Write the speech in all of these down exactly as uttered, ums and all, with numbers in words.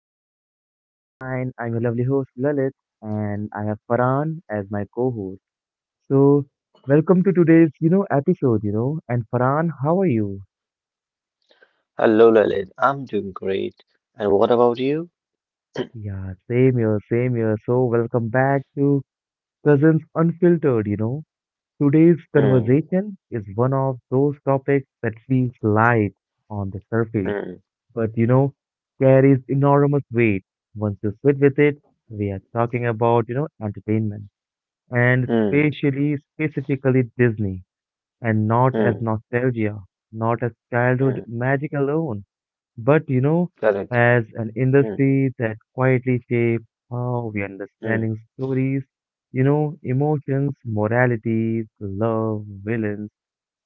doing? Hope you're fine. I'm your lovely host, Lalit, and I have Farhan as my co-host. So, welcome to today's, you know, episode, you know. And Farhan, how are you? Hello, Lalit. I'm doing great. And what about you? Yeah, same here, same here. So, welcome back to Cousins Unfiltered, you know. Today's Hmm, conversation is one of those topics that feels light on the surface, hmm, but, you know, carries enormous weight. Once you sit with it, we are talking about, you know, entertainment and hmm, spatially, specifically Disney, and not as hmm, nostalgia, not as childhood hmm. magic alone, but you know, Correct. as an Hmm, industry that quietly shapes how we hmm, understanding stories, you know, emotions, moralities, love, villains,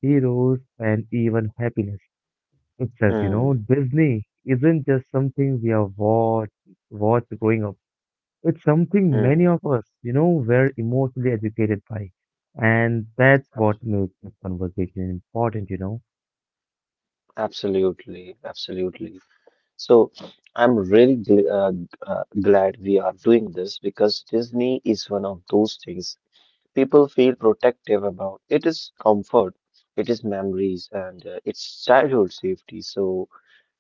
heroes, and even happiness itself. You know, hmm, Disney isn't just something we are watch watched growing up. It's something many hmm. of us, you know, were emotionally educated by. And that's what makes this conversation important, you know. Absolutely, absolutely. So I'm really gl uh, g- uh, glad we are doing this because Disney is one of those things people feel protective about. It is comfort, it is memories, and uh, it's childhood safety. So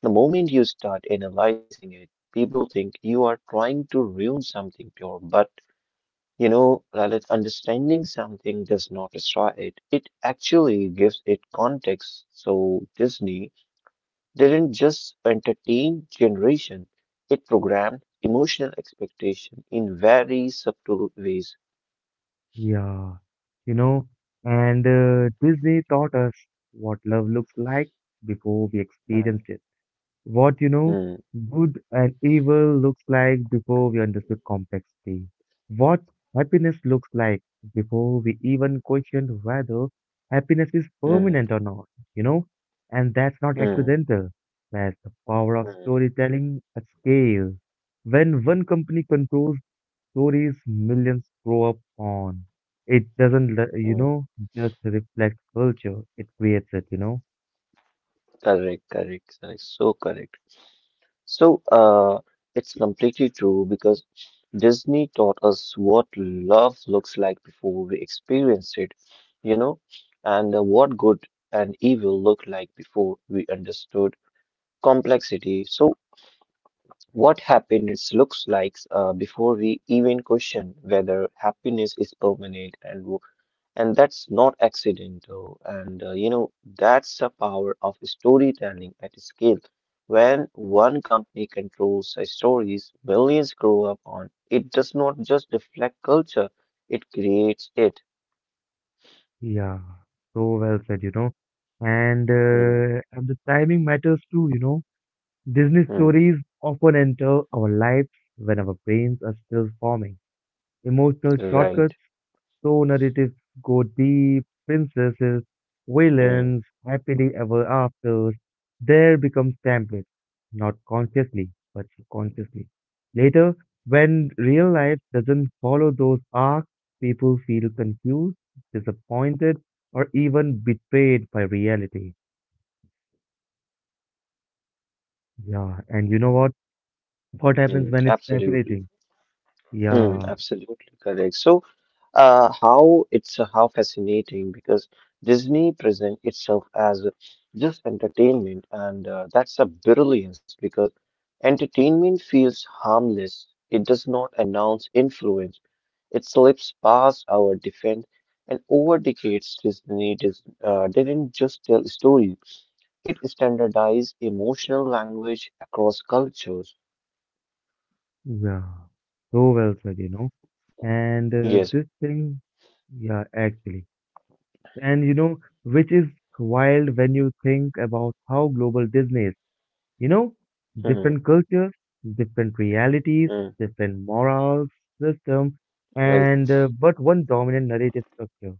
the moment you start analyzing it, people think you are trying to ruin something pure. But you know, Lalit, understanding something does not destroy it. It actually gives it context. So Disney didn't just entertain generation, it programmed emotional expectation in very subtle ways. Yeah, you know, and uh, Disney taught us what love looks like before we Hmm, experienced it. What you know hmm, good and evil looks like before we understood complexity, what happiness looks like before we even questioned whether happiness is hmm, permanent or not, you know, and that's not hmm, accidental. That's the power of hmm, storytelling at scale. When one company controls stories millions grow up on, it doesn't, le- you hmm. know, just reflect culture, it creates it, you know. Correct, correct, correct. So correct. So, uh, it's completely true because Disney taught us what love looks like before we experience it, you know, and uh, what good and evil look like before we understood complexity. So what happiness looks like uh, before we even question whether happiness is permanent, and and that's not accidental. And uh, you know, that's the power of storytelling at scale. When one company controls the stories millions grow up on, it does not just reflect culture, it creates it. Yeah, so well said, you know. And Mm, uh, and the timing matters too, you know. Disney mm, stories often enter our lives when our brains are still forming. Emotional right. shortcuts so narratives go deep, princesses, Mm, villains, happily ever afters. There becomes templates, not consciously, but subconsciously. Later, when real life doesn't follow those arcs, people feel confused, disappointed, or even betrayed by reality. Yeah, and you know what? What happens mm, when it's absolutely. fascinating? Mm, Yeah, absolutely correct. So, uh, how it's uh, how fascinating, because Disney present itself as just entertainment, and uh, that's a brilliance because entertainment feels harmless. It does not announce influence. It slips past our defense, and over decades, Disney dis- uh, didn't just tell stories; it standardized emotional language across cultures. yeah. So well said, you know. And uh, Yes. this thing, yeah, actually. And you know, which is wild when you think about how global Disney is. You know, Hmm. different cultures, different realities, Hmm. different morals, system, Right. and uh, but one dominant narrative structure,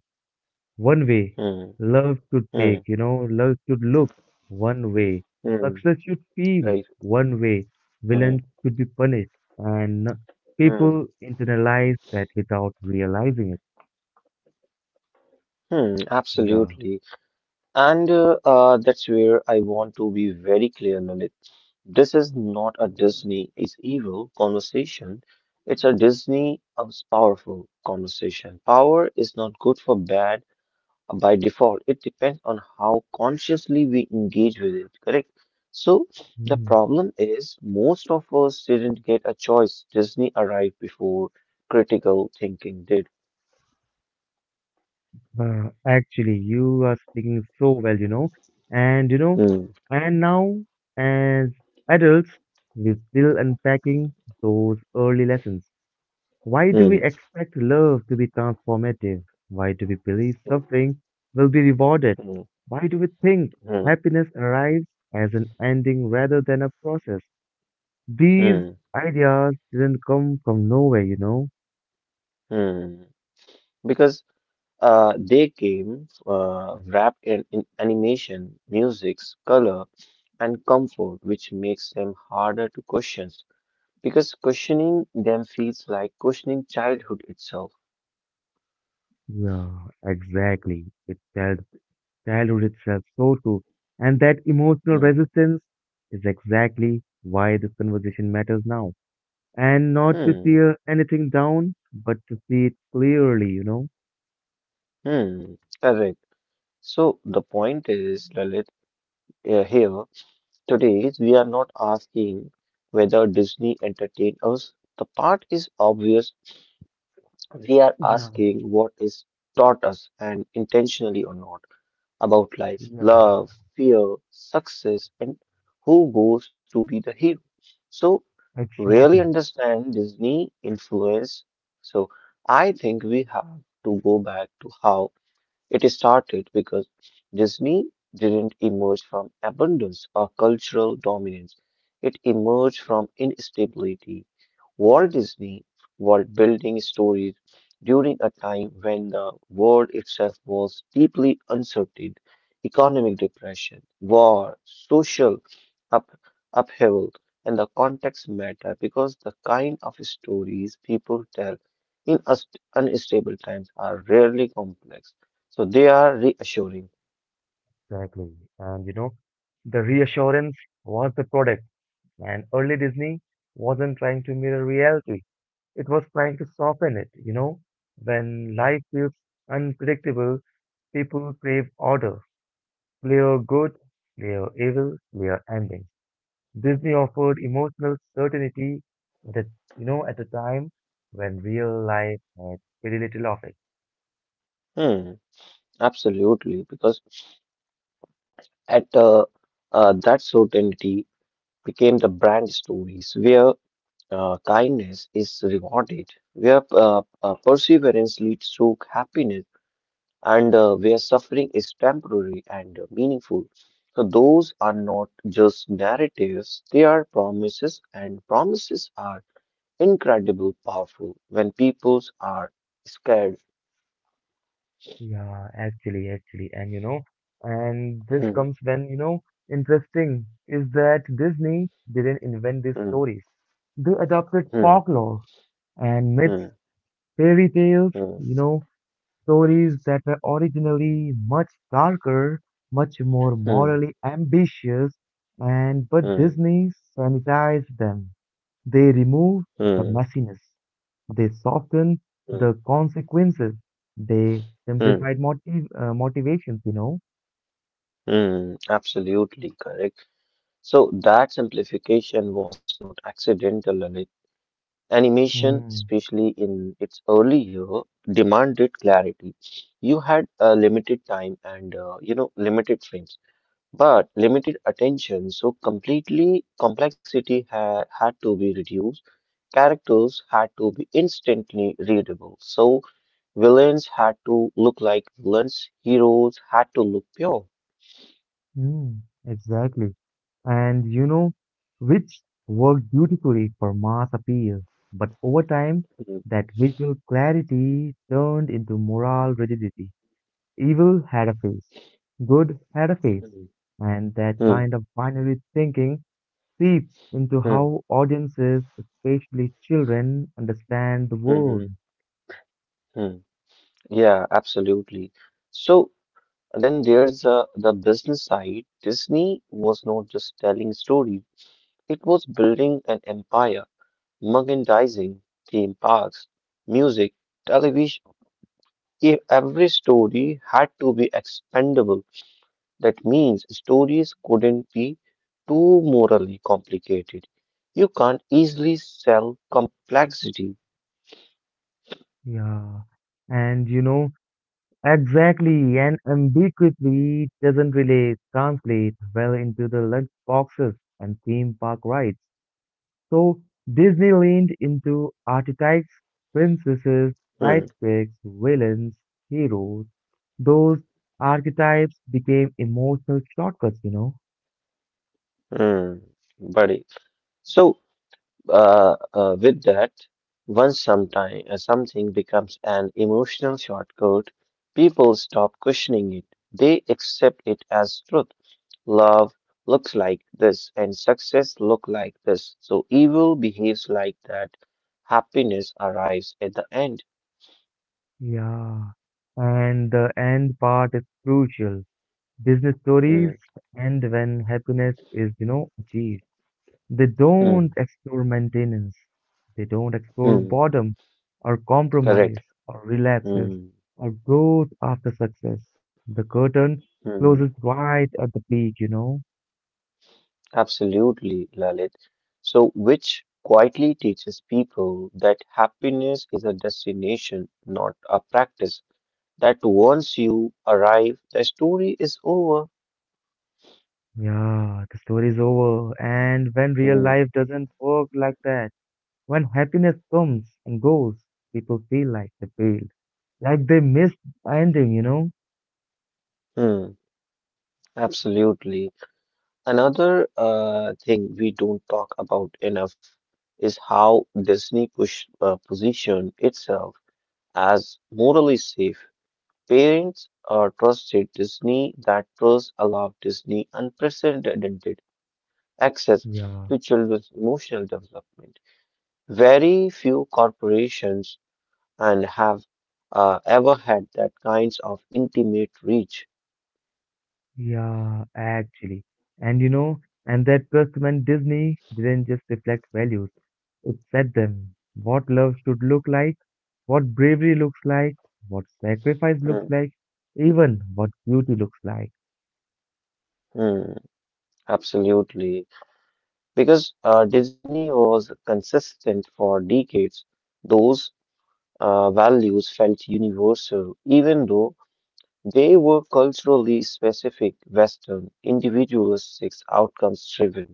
one way Hmm. love should Hmm. take, you know, love should look one way, Hmm. success should feel Right. one way, Hmm. villains should be punished, and Hmm. people internalize that without realizing it. Hmm, Yeah. absolutely. And uh, uh, that's where I want to be very clear, Lalit. This is not a Disney is evil conversation. It's a Disney is powerful conversation. Power is not good for bad uh, by default. It depends on how consciously we engage with it, correct? So the Hmm. problem is most of us didn't get a choice. Disney arrived before critical thinking did. Uh, actually, you are speaking so well, you know, and you know, Hmm, and now as adults, we're still unpacking those early lessons. Why do we hmm, expect love to be transformative? Why do we believe suffering will be rewarded? hmm, Why do we think hmm, happiness arrives as an ending rather than a process? These hmm, ideas didn't come from nowhere, you know? hmm. because uh, they came uh, wrapped in, in animation, musics, color, and comfort, which makes them harder to question. Because questioning them feels like questioning childhood itself. Yeah, exactly. It felt childhood itself. So true. And that emotional Mm, resistance is exactly why this conversation matters now. And not to hmm. tear anything down, but to see it clearly, you know. Hmm. Correct. So the point is, Lalit, uh, here today is, we are not asking whether Disney entertained us. The part is obvious. We are Yeah, asking what is taught us, and intentionally or not, about life, yeah, love, fear, success, and who goes to be the hero. So, really exactly. understand Disney influence. So I think we have to go back to how it started because Disney didn't emerge from abundance or cultural dominance. It emerged from instability. Walt Disney was building stories during a time when the world itself was deeply uncertain. Economic depression, war, social up- upheaval, and the context matter because the kind of stories people tell in ust- unstable times are rarely complex. So they are reassuring. Exactly. And you know, the reassurance was the product. And early Disney wasn't trying to mirror reality, it was trying to soften it. You know, when life feels unpredictable, people crave order. Clear good, clear evil, clear ending. Disney offered emotional certainty that, you know, at a time when real life had very little of it. Hmm, absolutely, because at uh, uh, that certainty became the brand, stories where uh, kindness is rewarded, where uh, uh, perseverance leads to happiness, and uh, where suffering is temporary and uh, meaningful. So those are not just narratives; they are promises, and promises are incredibly powerful when peoples are scared. Yeah, actually, actually. And, you know, and this Hmm, comes when, you know, interesting is that Disney didn't invent these hmm, stories. They adopted hmm, folklore and myths, hmm, fairy tales, hmm. you know, stories that were originally much darker, much more Mm, morally ambitious, and but mm, Disney sanitized them. They removed the mm, messiness. They softened mm, the consequences. They mm, simplified motiv uh, motivations, you know. mm, absolutely correct. So that simplification was not accidental. and it- Animation, Mm, especially in its early year, demanded clarity. You had a limited time and uh, you know limited frames, but limited attention. So completely complexity ha had to be reduced. Characters had to be instantly readable. So villains had to look like villains, heroes had to look pure. mm, exactly. And you know, which worked beautifully for mass appeal. But over time, Mhm, that visual clarity turned into moral rigidity. Evil had a face, good had a face, and that mhm, kind of binary thinking seeps into mhm, how audiences, especially children, understand the world. mhm, mhm. Yeah, absolutely. So then there's uh, the business side. Disney was not just telling stories, it was building an empire: merchandising, theme parks, music, television. E- Every story had to be expendable. That means stories couldn't be too morally complicated. You can't easily sell complexity. Yeah, and you know, exactly, and ambiguity doesn't really translate well into the lunch boxes and theme park rides. So Disney leaned into archetypes, princesses, Hmm, sidekicks, villains, heroes. Those archetypes became emotional shortcuts, you know? hmm, buddy. So, uh, uh, with that, once sometime uh, something becomes an emotional shortcut, people stop questioning it. They accept it as truth. Love looks like this, and success look like this. So evil behaves like that. Happiness arrives at the end. Yeah. And the end part is crucial. Disney Hmm. stories end when happiness is, you know, achieved. They Mm, don't explore maintenance. They don't explore mm, boredom or correct. compromise or relapses Mm, or growth after success. The curtain mm, closes right at the peak, you know? absolutely, Lalit. So, which quietly teaches people that happiness is a destination, not a practice. That once you arrive, the story is over. Yeah, the story is over. And when real Mm, life doesn't work like that, when happiness comes and goes, people feel like they failed, like they missed the ending, you know? mm, absolutely. Another uh, thing we don't talk about enough is how Disney push uh, position itself as morally safe. Parents uh, trusted Disney. That trust allowed Disney unprecedented access Yeah. to children's emotional development. Very few corporations and have uh, ever had that kinds of intimate reach. Yeah, actually. And you know, and that trust meant Disney didn't just reflect values, it set them. What love should look like, what bravery looks like, what sacrifice looks Hmm, like, even what beauty looks like. hmm, absolutely, because uh, Disney was consistent for decades. Those uh, values felt universal, even though they were culturally specific: Western, individualistic, outcomes driven.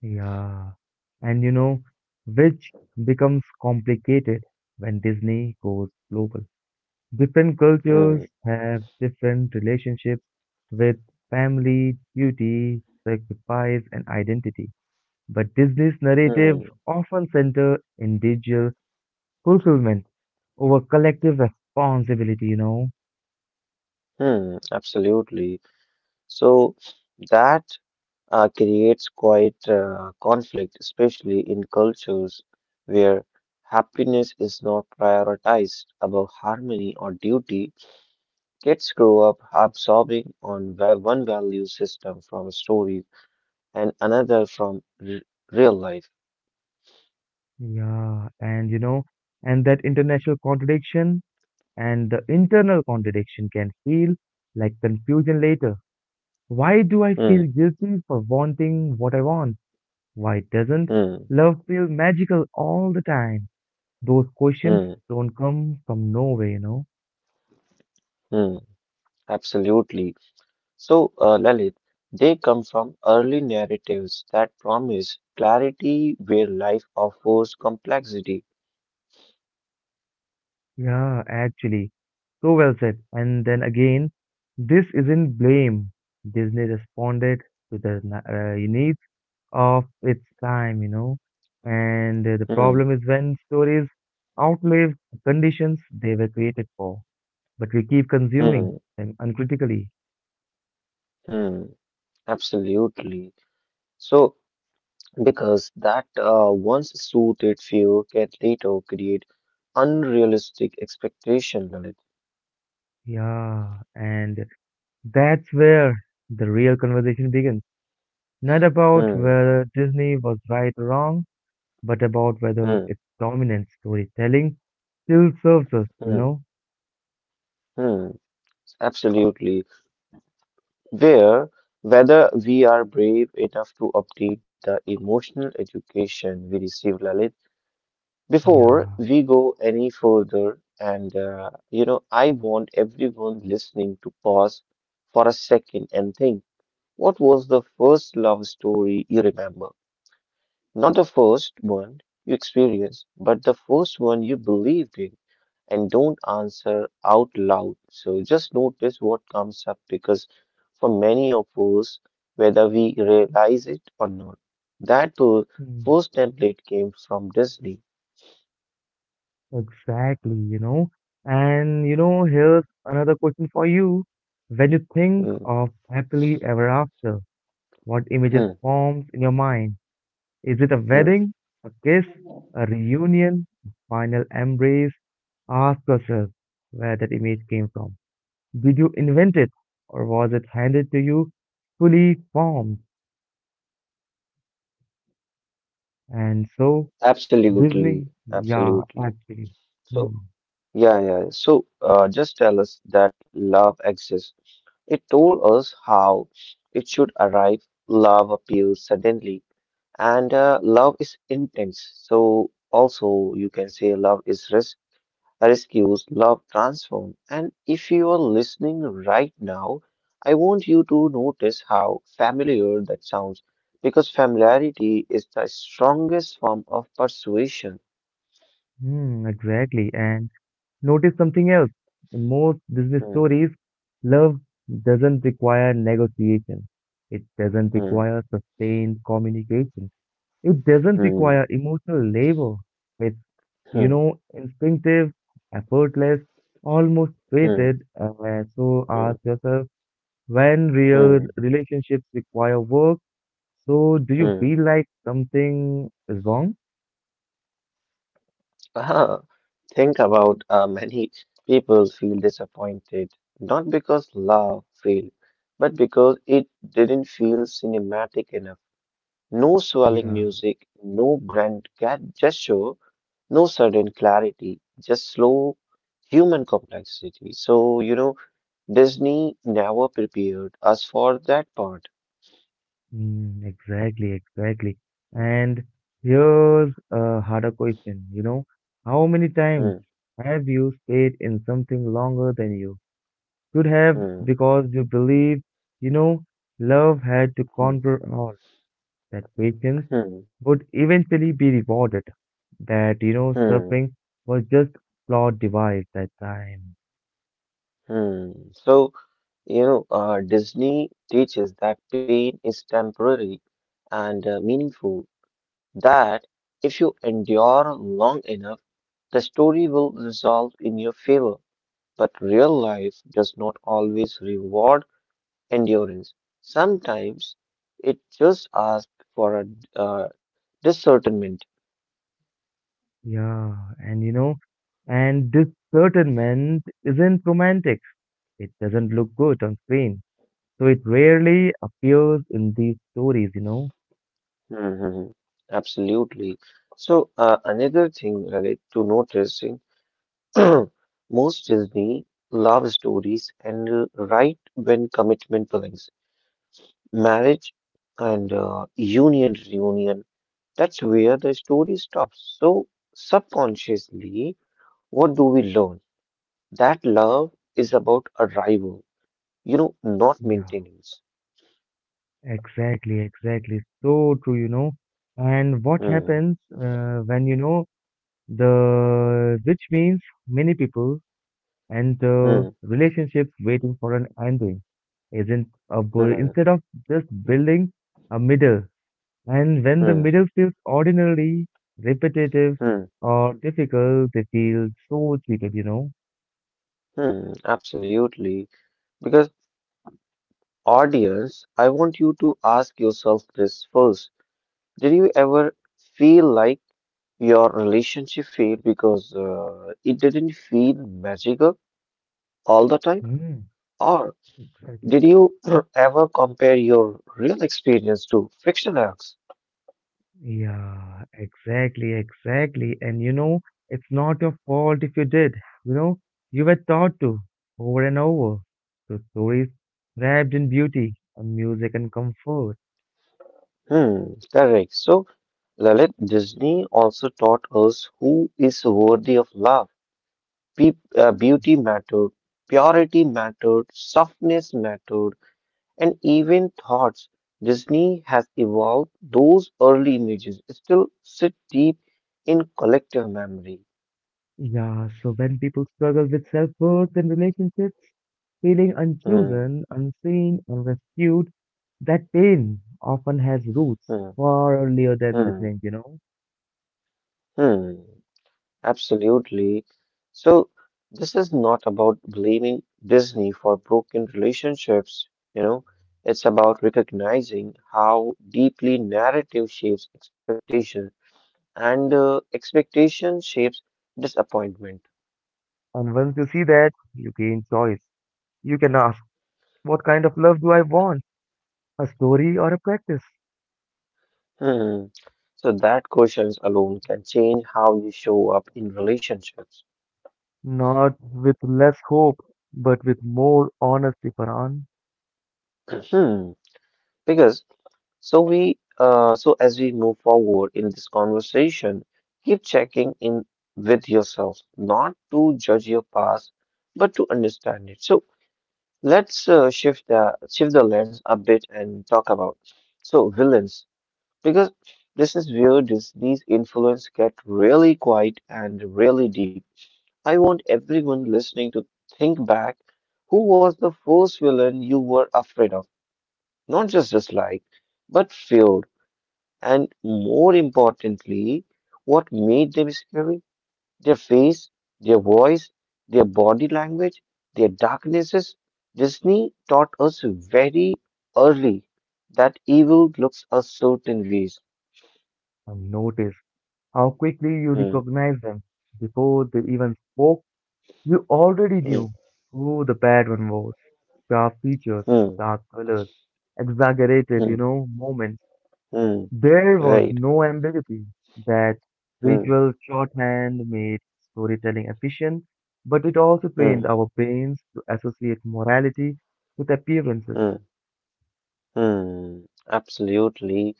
Yeah. And you know, which becomes complicated when Disney goes global. Different cultures Hmm, have different relationships with family, duty, sacrifice, and identity. But Disney's narrative hmm, often center individual fulfillment over collective responsibility, you know. hmm, absolutely. So that uh, creates quite uh, conflict, especially in cultures where happiness is not prioritized above harmony or duty. Kids grow up absorbing on va- one value system from stories and another from r- real life. Yeah, and you know, and that international contradiction and the internal contradiction can feel like confusion later. Why do I Hmm, feel guilty for wanting what I want? Why doesn't hmm, love feel magical all the time? Those questions hmm, don't come from nowhere, you know. hmm. Absolutely. So, uh, Lalit, they come from early narratives that promise clarity where life offers complexity. Yeah, actually. So well said. And then again, this isn't blame. Disney responded to the na- uh, needs of its time, you know. And uh, the Hmm, problem is when stories outlive the conditions they were created for, but we keep consuming hmm, them uncritically. hmm. Absolutely. So, because that uh, once soothed fear can later create unrealistic expectation, Lalit. Yeah, and that's where the real conversation begins. Not about Hmm, whether Disney was right or wrong, but about whether hmm, its dominant storytelling still serves us, you hmm, know? hmm. Absolutely. Where Whether we are brave enough to update the emotional education we receive, Lalit. Before Yeah, we go any further, and uh, you know, I want everyone listening to pause for a second and think: what was the first love story you remember? Not the first one you experienced, but the first one you believed in. And don't answer out loud. So just notice what comes up, because for many of us, whether we realize it or not, that uh, mm, first template came from Disney. exactly, you know? And, you know, here's another question for you. When you think Mm, of happily ever after, what images mm, forms in your mind? Is it a mm. wedding, a kiss, a reunion, a final embrace? Ask yourself where that image came from. Did you invent it or was it handed to you fully formed? And so, Absolutely, Disney, yeah, absolutely. actually. Hmm. So, yeah, yeah. So, uh, just tell us that love exists. It told us how it should arrive. Love appears suddenly, and uh, love is intense. So, also, you can say love is res rescues, love transforms. And if you are listening right now, I want you to notice how familiar that sounds, because familiarity is the strongest form of persuasion. Hmm, exactly. And notice something else. In most business Hmm. stories, love doesn't require negotiation. It doesn't Hmm, require sustained communication. It doesn't hmm, require emotional labor. It's, you hmm, know, instinctive, effortless, almost hmm, fated. Uh, so hmm, ask yourself, when real hmm, relationships require work, so do you hmm. feel like something is wrong? Ah, think about uh, many people feel disappointed, not because love failed, but because it didn't feel cinematic enough. No swelling Yeah. music, no grand ga- gesture, no sudden clarity, just slow human complexity. So you know, Disney never prepared us for that part. Mm, exactly, exactly. And here's a harder question, you know, how many times Hmm, have you stayed in something longer than you should have hmm, because you believe, you know, love had to hmm, conquer all, that patience hmm, would eventually be rewarded, that, you know, hmm. suffering was just flawed device that time. Hmm. So, you know, uh, Disney teaches that pain is temporary and uh, meaningful, that if you endure long enough, the story will resolve in your favor. But real life does not always reward endurance. Sometimes it just asks for a uh, discernment. Yeah, and you know, and this certain man isn't romantic. It doesn't look good on screen, so it rarely appears in these stories, you know. Mhm. Absolutely. So, uh, another thing, Lalit, to noticing. Most Disney love stories end uh, right when commitment begins. Marriage and uh, union reunion. That's where the story stops. So subconsciously, what do we learn? That love is about arrival, you know, not Yeah, maintenance. exactly, exactly. So true, you know. And what Hmm, happens uh, when, you know, the which means many people and the hmm, relationships waiting for an ending isn't a bu- hmm, instead of just building a middle. And when the hmm, middle feels ordinarily repetitive hmm, or difficult, they feel so cheated, you know. hmm. Absolutely. Because, audience, I want you to ask yourself this first. Did you ever feel like your relationship failed because uh, it didn't feel magical all the time? Mm, Or exactly. did you ever compare your real experience to fiction acts? Yeah, exactly, exactly. And you know, it's not your fault if you did. You know, you were taught to over and over. So stories wrapped in beauty and music and comfort. Hmm, correct. So, Lalit, Disney also taught us who is worthy of love. Pe- uh, Beauty mattered, purity mattered, softness mattered, and even thoughts. Disney has evolved those early images, still sit deep in collective memory. Yeah, so when people struggle with self-worth and relationships, feeling Hmm. unchosen, unseen, unrescued, that pain often has roots Hmm, far earlier than they hmm, think, you know. hmm. Absolutely. So this is not about blaming Disney for broken relationships, you know, it's about recognizing how deeply narrative shapes expectation, and uh, expectation shapes disappointment. And once you see that, you gain choice. You can ask, what kind of love do I want? A story or a practice, Hmm. So that questions alone can change how you show up in relationships. not with less hope, but with more honesty, Paran. Hmm. Because So we, uh, so as we move forward in this conversation, keep checking in with yourself, not to judge your past, but to understand it. So let's uh, shift the shift the lens a bit and talk about so villains, because this is where this, these influence get really quiet and really deep. I want everyone listening to think back: who was the first villain you were afraid of? Not just dislike, but fear. And more importantly, what made them scary? Their face, their voice, their body language, their darknesses. Disney taught us very early that evil looks a certain ways. And notice how quickly you Hmm, recognize them. Before they even spoke, you already hmm, knew who the bad one was. Sharp features, hmm, dark colors, exaggerated, hmm, you know, moments. hmm, There was right. no ambiguity. That Hmm, visual shorthand made storytelling efficient, but it also hmm, trained our brains to associate morality with appearances. hmm, hmm. Absolutely.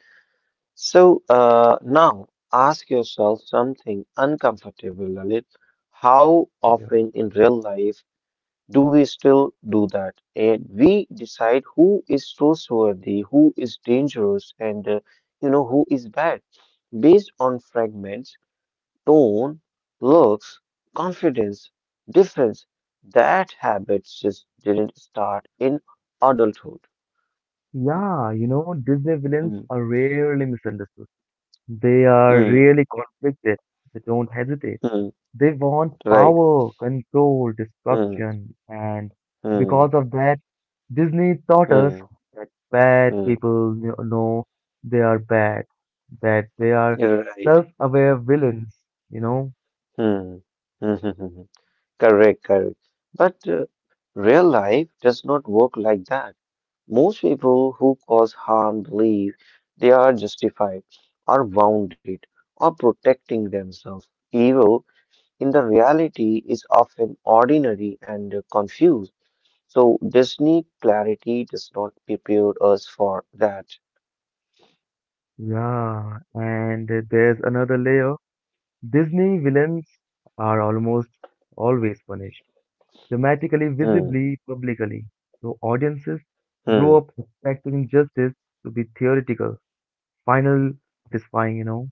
So uh, now ask yourself something uncomfortable, Lalit. How Yeah. often in real life do we still do that? And we decide who is trustworthy, who is dangerous, and uh, you know who is bad based on fragments, tone, looks, confidence, difference. That habit just didn't start in adulthood. Yeah, you know, Disney villains Mm, are rarely misunderstood. They are mm, really conflicted. They don't hesitate. mm, They want right. power, control, Mm, destruction, and because mm, of that, Disney taught us mm, that bad mm, people kn- know they are bad, that they are you're right. self-aware villains, you know? Mm, correct, correct. But uh, real life does not work like that. Most people who cause harm believe they are justified, are wounded, or protecting themselves. Evil in the reality is often ordinary and confused. So this need clarity does not prepare us for that. Yeah, and there's another layer. Disney villains are almost always punished, dramatically, Hmm, visibly, publicly. So audiences hmm, grow up expecting justice to be theoretical, final, satisfying, you know.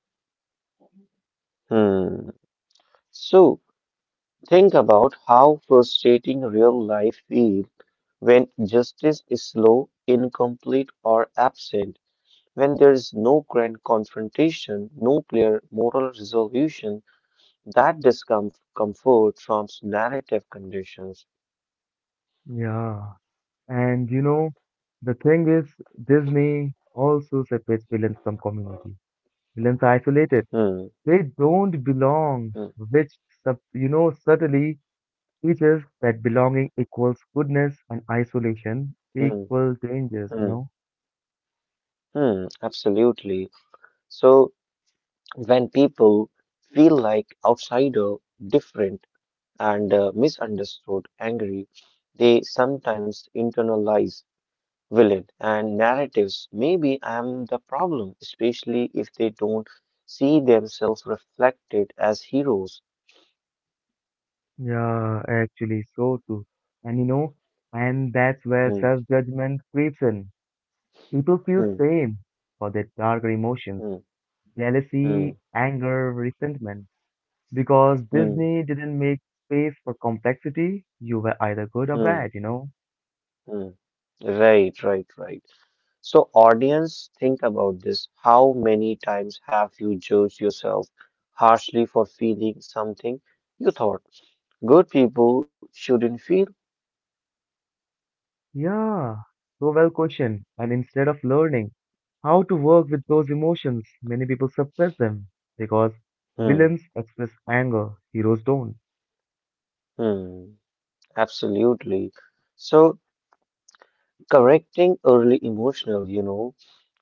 hmm. So think about how frustrating real life feels when justice is slow, incomplete, or absent. When there is no grand confrontation, no clear moral resolution, that discomfort from narrative conditions. Yeah. And you know, the thing is, Disney also separates villains from community. Villains are isolated. Hmm, They don't belong, hmm, which sub, you know subtly teaches that belonging equals goodness and isolation hmm, equal dangers, you hmm, know. hmm, absolutely. So when people feel like outsider, different, and uh, misunderstood, angry, they sometimes internalize villain and narratives. Maybe I'm the problem, especially if they don't see themselves reflected as heroes. Yeah, actually, so too. And you know, and that's where Hmm, self-judgment creeps in. People feel hmm, shame for their darker emotions, hmm, jealousy, hmm, anger, resentment. Because hmm, Disney didn't make space for complexity, you were either good or hmm, bad, you know? hmm. Right, right, right. So, audience, think about this. How many times have you judged yourself harshly for feeling something you thought good people shouldn't feel? Yeah, so well questioned. And instead of learning how to work with those emotions, many people suppress them. Because Hmm, villains express anger, heroes don't. hmm, absolutely. So, correcting early emotional, you know,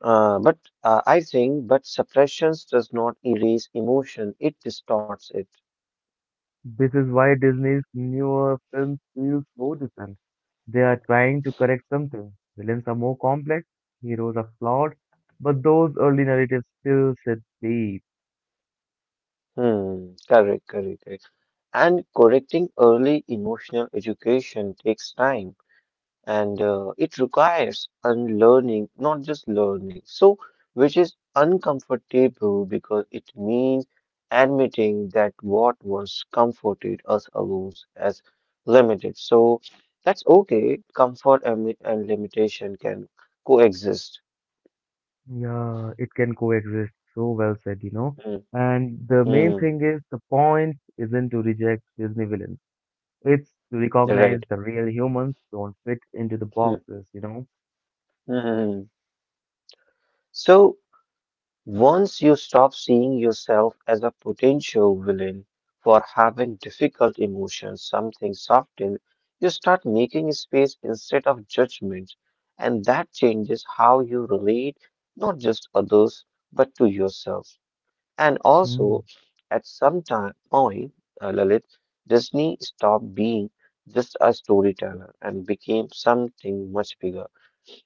uh, but uh, I think, but suppressions does not erase emotion, it distorts it. This is why Disney's newer films feel so different. They are trying to correct something. Villains are more complex, heroes are flawed, but those early narratives still sit deep. Hmm, correct, correct. Correct. And correcting early emotional education takes time and uh, it requires unlearning, not just learning. So, which is uncomfortable because it means admitting that what once comforted us alone as limited. So, that's okay. Comfort and, li- and limitation can coexist. Yeah, it can coexist. So well said, you know. Mm, And the main mm, thing is the point isn't to reject Disney villains. It's to recognize right. the real humans don't fit into the Mm, boxes, you know. mm. So, once you stop seeing yourself as a potential villain for having difficult emotions, something soften, you start making space instead of judgment. And that changes how you relate, not just others, but to yourself. And Hmm. also, at some time point, uh, Lalit, Disney stopped being just a storyteller and became something much bigger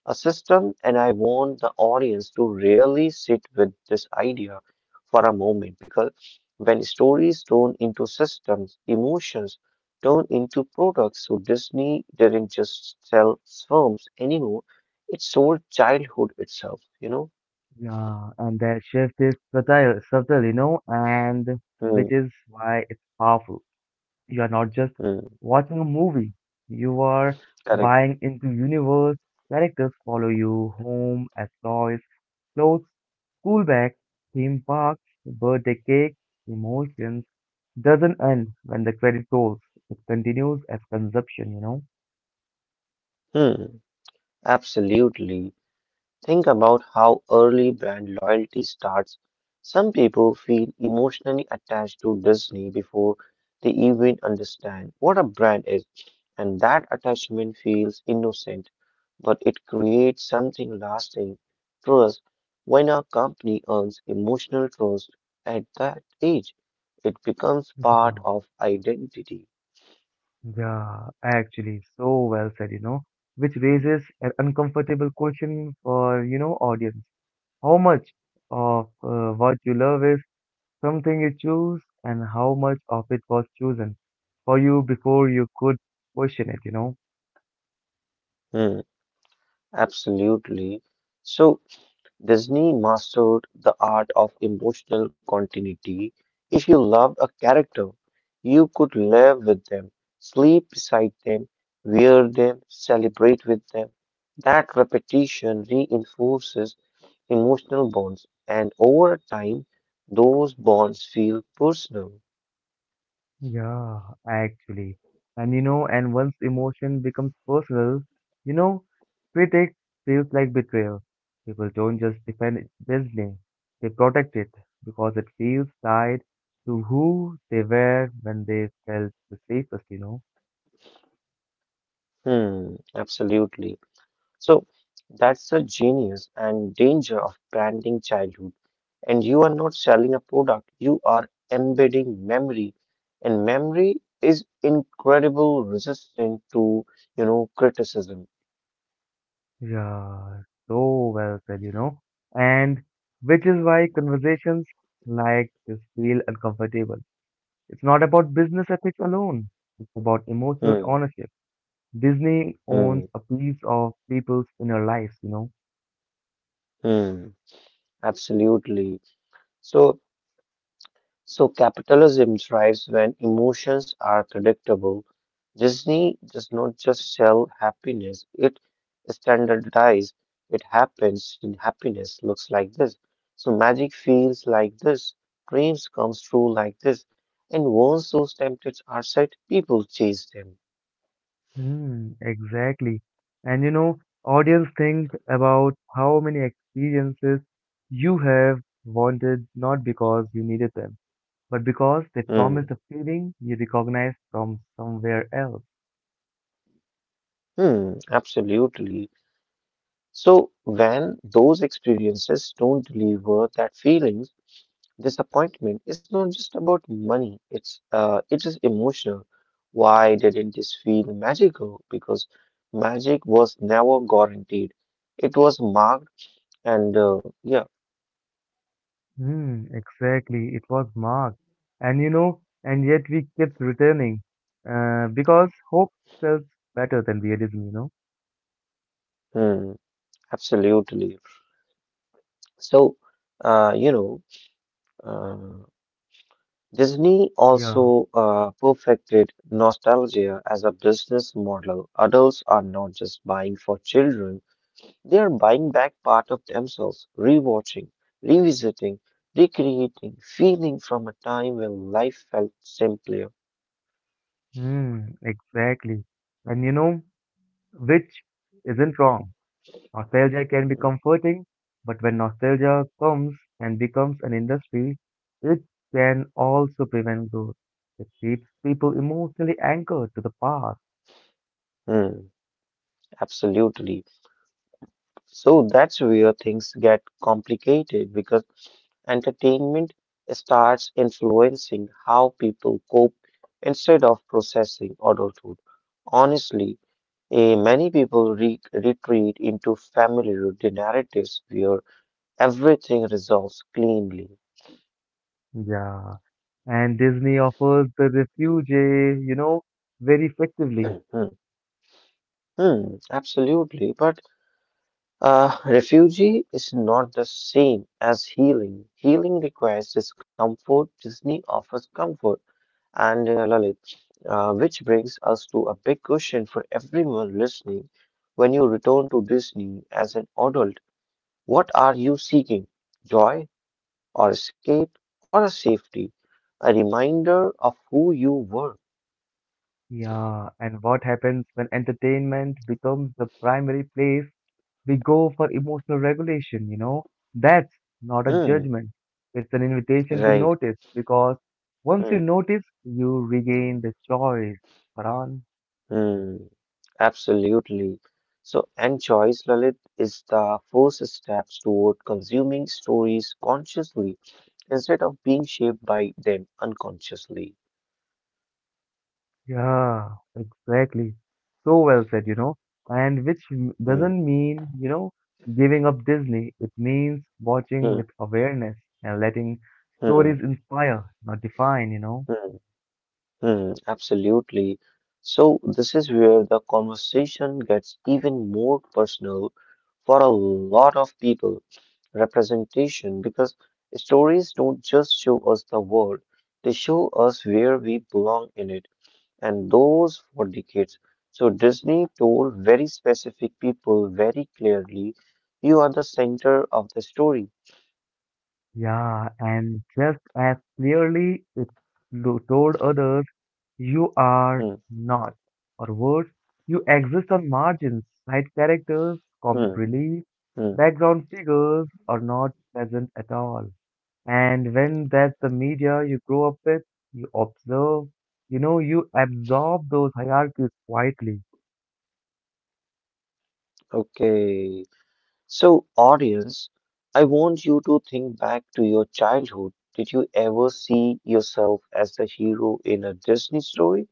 a system, and I want the audience to really sit with this idea for a moment because when stories turn into systems, emotions turn into products. So Disney didn't just sell films anymore, it sold childhood itself, you know? Yeah, and that shift is subtle, subtle, you know, and Hmm, which is why it's powerful. You are not just hmm, watching a movie, you are correct. buying into universe. Characters follow you home as toys, clothes, school bags, theme parks, birthday cake, emotions. Doesn't end when the credit rolls. It continues as consumption, you know. Hmm, absolutely. Think about how early brand loyalty starts. Some people feel emotionally attached to Disney before they even understand what a brand is, and that attachment feels innocent, but it creates something lasting trust. When a company earns emotional trust at that age, it becomes part Yeah. of identity. Yeah, actually, so well said, you know, which raises an uncomfortable question for, you know, audience. How much of uh, what you love is something you choose, and how much of it was chosen for you before you could question it, you know? Hmm, absolutely. So, Disney mastered the art of emotional continuity. If you loved a character, you could live with them, sleep beside them, wear them, celebrate with them. That repetition reinforces emotional bonds, and over time, those bonds feel personal. Yeah, actually. And you know, and once emotion becomes personal, you know, critic feels like betrayal. People don't just defend its business, they protect it because it feels tied to who they were when they felt the safest, you know. Hmm, absolutely. So, that's the genius and danger of branding childhood. And you are not selling a product, you are embedding memory. And memory is incredible resistant to, you know, criticism. Yeah, so well said, you know. And which is why conversations like this feel uncomfortable. It's not about business ethics alone, it's about emotional Hmm, ownership. Disney hmm, owns a piece of people's inner lives, you know. hmm. Absolutely. So So capitalism thrives when emotions are predictable. Disney does not just sell happiness, it standardizes. It happens in happiness looks like this. So magic feels like this. Dreams comes true like this. And once those temptations are set, people chase them. Hmm, exactly. And you know, audience, think about how many experiences you have wanted not because you needed them, but because they Hmm. promised a feeling you recognize from somewhere else. Hmm. Absolutely. So when those experiences don't deliver that feeling, disappointment is not just about money, it's uh, it is emotional. Why didn't this feel magical? Because magic was never guaranteed. It was marked and uh, yeah, Hmm, exactly. It was marked, And you know, and yet we kept returning, uh, because hope sells better than realism, you know? hmm, absolutely. So, uh, you know, uh, Disney Yeah. also uh, perfected nostalgia as a business model. Adults are not just buying for children. They are buying back part of themselves, rewatching, revisiting, recreating, feeling from a time when life felt simpler. Hmm, exactly. And you know, which isn't wrong. Nostalgia can be comforting, but when nostalgia comes and becomes an industry, it can also prevent growth. It keeps people emotionally anchored to the past. Mm, absolutely. So that's where things get complicated because entertainment starts influencing how people cope instead of processing adulthood. Honestly, eh, many people re- retreat into familiar narratives where everything resolves cleanly. Yeah. And Disney offers the refuge, eh, you know, very effectively. Hmm, absolutely. But uh, refugee is not the same as healing. Healing requires discomfort. Disney offers comfort. And uh, Lalit, uh, which brings us to a big question for everyone listening. When you return to Disney as an adult, what are you seeking? Joy or escape or a safety? A reminder of who you were. Yeah. And what happens when entertainment becomes the primary place? We go for emotional regulation, you know. That's not a Hmm, judgment. It's an invitation to right. notice because once you Hmm. notice, you regain the choice. Farhan? Hmm, absolutely. So, and choice, Lalit, is the first step toward consuming stories consciously instead of being shaped by them unconsciously. Yeah, exactly. So well said, you know. And which m- Hmm, doesn't mean, you know, giving up Disney. It means watching hmm, with awareness and letting hmm, stories inspire, not define, you know. hmm, hmm, absolutely. So, this is where the conversation gets even more personal for a lot of people. Representation, because stories don't just show us the world, they show us where we belong in it. And those for decades. So Disney told very specific people very clearly, you are the center of the story. Yeah, and just as clearly it lo- told others, you are Mm, not. Or worse, you exist on margins. Side characters, comic mm, relief, mm. background figures are not present at all. And when that's the media you grow up with, you observe, you know, you absorb those hierarchies quietly. Okay. So audience, I want you to think back to your childhood. Did you ever see yourself as the hero in a Disney story?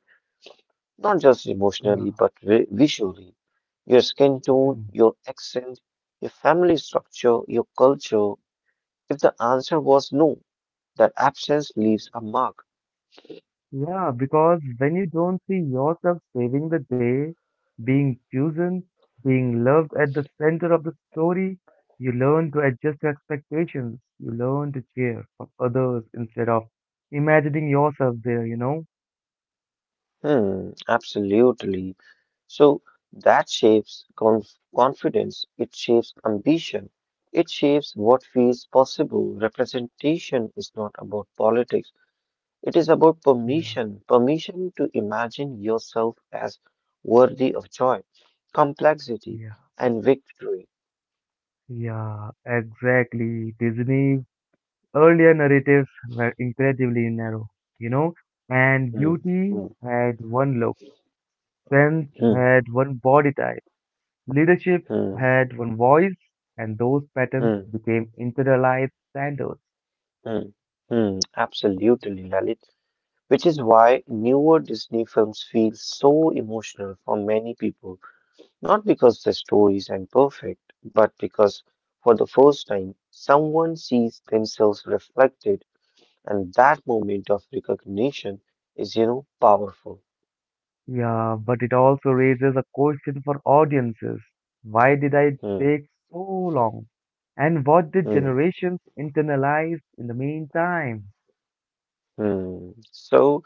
Not just Yeah. emotionally, but vi- visually. Your skin tone, your accent, your family structure, your culture. If the answer was no, that absence leaves a mark. Yeah, because when you don't see yourself saving the day, being chosen, being loved at the center of the story, you learn to adjust your expectations. You learn to cheer for others instead of imagining yourself there, you know? Hmm, absolutely. So that shapes conf confidence, it shapes ambition, it shapes what feels possible. Representation is not about politics, it is about Yeah, permission, permission to imagine yourself as worthy of joy, complexity, yeah, and victory. yeah, exactly. Disney's earlier narratives were incredibly narrow, you know, and Hmm, beauty hmm, had one look, strength hmm, had one body type, leadership hmm, had one voice, and those patterns hmm, became internalized standards. hmm, hmm, absolutely, Lalit. Which is why newer Disney films feel so emotional for many people, not because the stories are perfect, but because for the first time someone sees themselves reflected, and that moment of recognition is, you know, powerful. Yeah, but it also raises a question for audiences. Why did I Hmm, take so long? And what did hmm, generations internalize in the meantime? hmm. So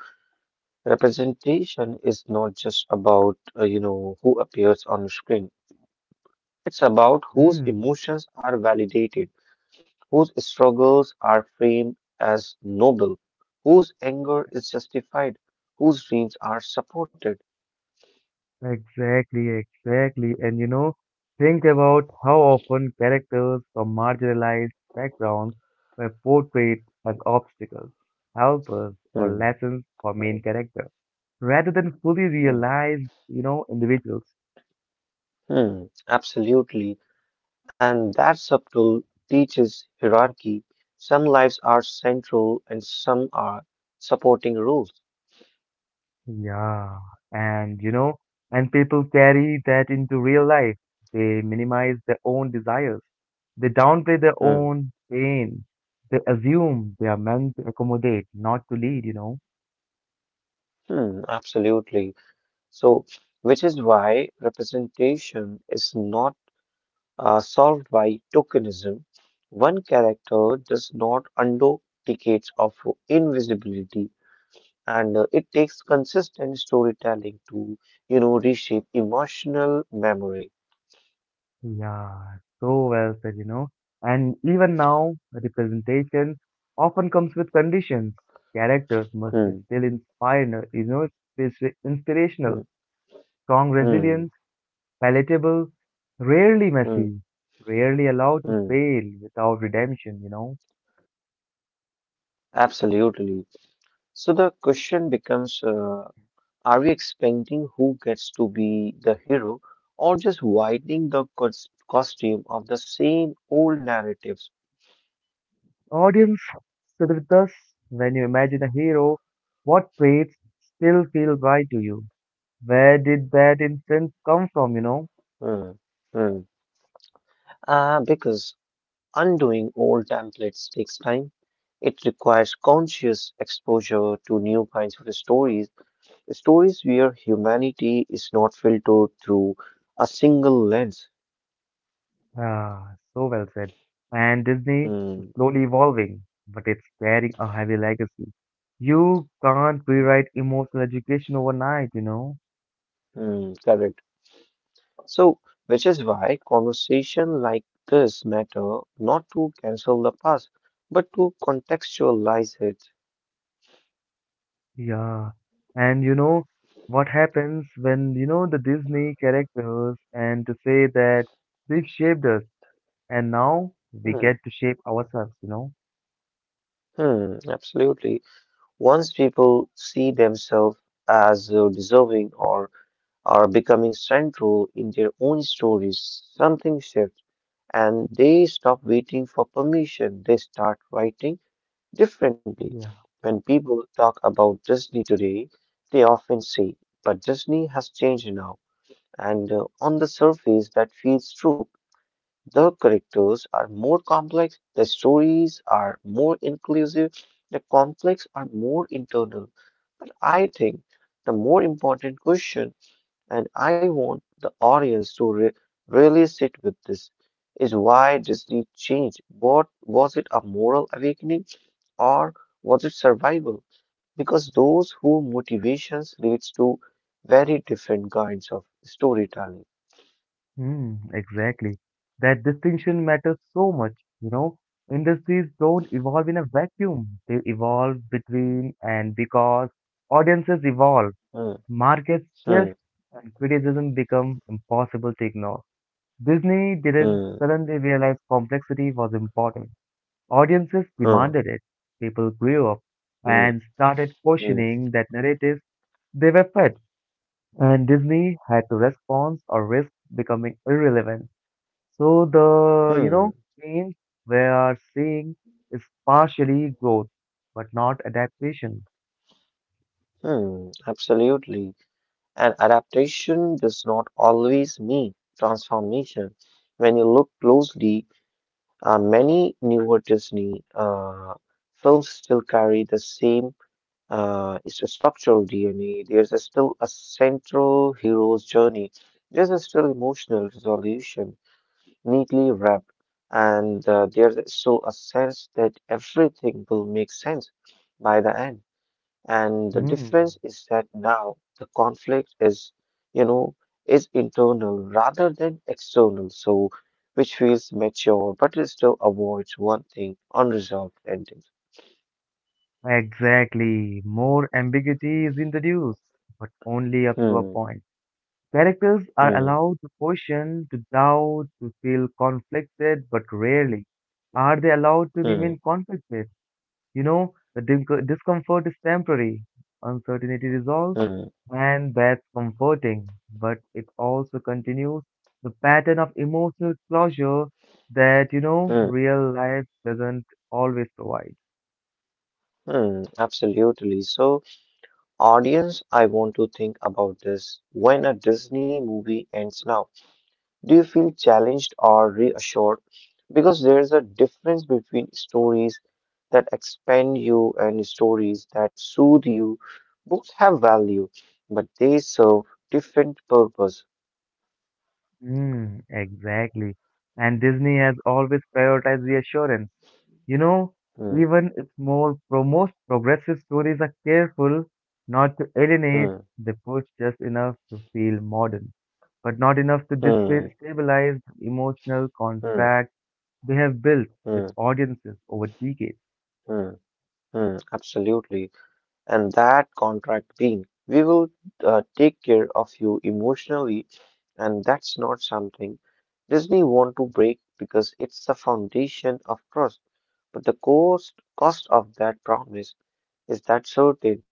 representation is not just about, uh, you know, who appears on screen. It's about whose Mm, emotions are validated whose struggles are framed as noble, whose anger is justified, whose dreams are supported. exactly, exactly. And you know, think about how often characters from marginalized backgrounds were portrayed as obstacles, helpers, or Hmm, lessons for main hmm, characters, rather than fully hmm, realized, you know, individuals. hmm, Absolutely. And that subtle teaches hierarchy. Some lives are central and some are supporting rules. Yeah, and you know, and people carry that into real life. They minimize their own desires. They downplay their Hmm, own pain. They assume they are meant to accommodate, not to lead, you know. hmm, Absolutely. So, which is why representation is not uh, solved by tokenism. One character does not undo decades of invisibility, and uh, it takes consistent storytelling to, you know, reshape emotional memory. Yeah, so well said, you know. And even now, representation often comes with conditions. Characters must be Hmm, still inspire, you know, it's inspirational, hmm, strong hmm, resilience palatable, rarely hmm, messy, rarely allowed to hmm. fail without redemption, you know. Absolutely. So the question becomes: uh, are we expecting who gets to be the hero, or just widening the cos- costume of the same old narratives? Audience, sit with us when you imagine a hero, what traits still feel right to you? Where did that instinct come from, you know? Hmm, hmm. Uh, because undoing old templates takes time. It requires conscious exposure to new kinds of stories, stories where humanity is not filtered through a single lens. Ah, so well said. And Disney is Hmm. slowly evolving, but it's carrying a heavy legacy. You can't rewrite emotional education overnight, you know. Hmm, correct. So, which is why conversation like this matter not to cancel the past, but to contextualize it. Yeah, and you know what happens when you know the Disney characters and to say that they've shaped us and now we get Hmm, to shape ourselves, you know? hmm, absolutely. Once people see themselves as uh, deserving or are becoming central in their own stories. Something shifts, and they stop waiting for permission. They start writing differently. Yeah. When people talk about Disney today, they often say, but Disney has changed now. And uh, on the surface, that feels true. The characters are more complex, the stories are more inclusive, the conflicts are more internal. But I think the more important question and I want the audience to re- really sit with this. Is why Disney changed? What was it a moral awakening or was it survival? Because those who motivations leads to very different kinds of storytelling. Hmm, exactly. That distinction matters so much, you know? Industries don't evolve in a vacuum. They evolve between and because audiences evolve, Hmm, markets hmm, shift, and criticism become impossible to ignore. Disney didn't hmm, suddenly realize complexity was important. Audiences hmm, demanded it. People grew up hmm, and started hmm, questioning that narratives they were fed, and Disney had to respond or risk becoming irrelevant. So the you know hmm, change we are seeing is partially growth, but not adaptation. hmm, Absolutely. And adaptation does not always mean transformation. When you look closely Uh, many newer Disney uh, films still carry the same uh, it's a structural D N A. There's a still a central hero's journey. There's a still emotional resolution, neatly wrapped, and uh, there's still a sense that everything will make sense by the end. And the Hmm. difference is that now the conflict is, you know, is internal rather than external, so which feels mature, but it still avoids one thing, unresolved endings. Exactly. More ambiguity is introduced, but only up to a Hmm, point. Characters are hmm, allowed to question, to doubt, to feel conflicted, but rarely are they allowed to remain hmm, conflicted. You know, the din- discomfort is temporary, uncertainty resolves, hmm, and that's comforting, but it also continues the pattern of emotional closure that, you know, hmm, real life doesn't always provide. hmm, absolutely. So, audience, I want to think about this. When a Disney movie ends now, do you feel challenged or reassured? Because there's a difference between stories that expand you and stories that soothe you. Books have value, but they serve different purpose. Mm, exactly. And Disney has always prioritized reassurance. You know, Hmm, even its more pro most progressive stories are careful not to alienate. hmm, They push just enough to feel modern, but not enough to hmm, destabilize the emotional hmm, contract they have built with hmm, audiences over decades. hmm, hmm, absolutely. And that contract being, we will uh, take care of you emotionally, and that's not something Disney want to break because it's the foundation of trust. But the cost cost of that promise is that certain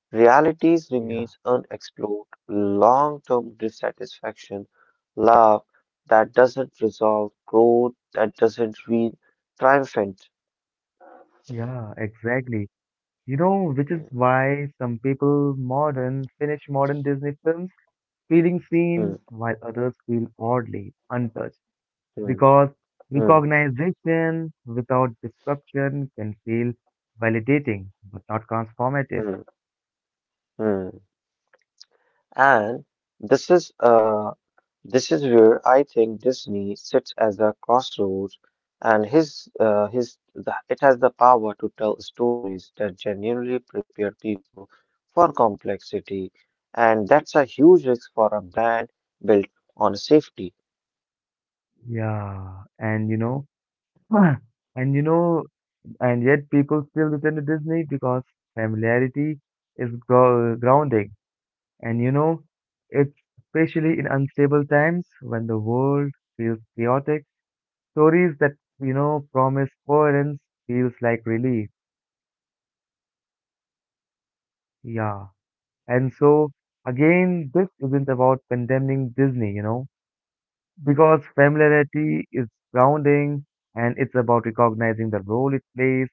realities remains Yeah, unexplored, long-term dissatisfaction, love that doesn't resolve, growth that doesn't feel triumphant. yeah, exactly. You know, which is Hmm, why some people modern finish modern Disney films feeling hmm, seen while others feel oddly untouched hmm, because hmm, recognition without disruption can feel validating but not transformative. hmm, hmm. And this is uh, this is where I think Disney sits as a crossroads, and his uh, his the, it has the power to tell stories that genuinely prepare people for complexity, and that's a huge risk for a brand built on safety. Yeah, and you know, and you know, and yet people still return to Disney because familiarity is gro- grounding. And you know, it's especially in unstable times when the world feels chaotic, stories that you know promise coherence feels like relief. Yeah. And so, again, this isn't about condemning Disney, you know, because familiarity is grounding and it's about recognizing the role it plays.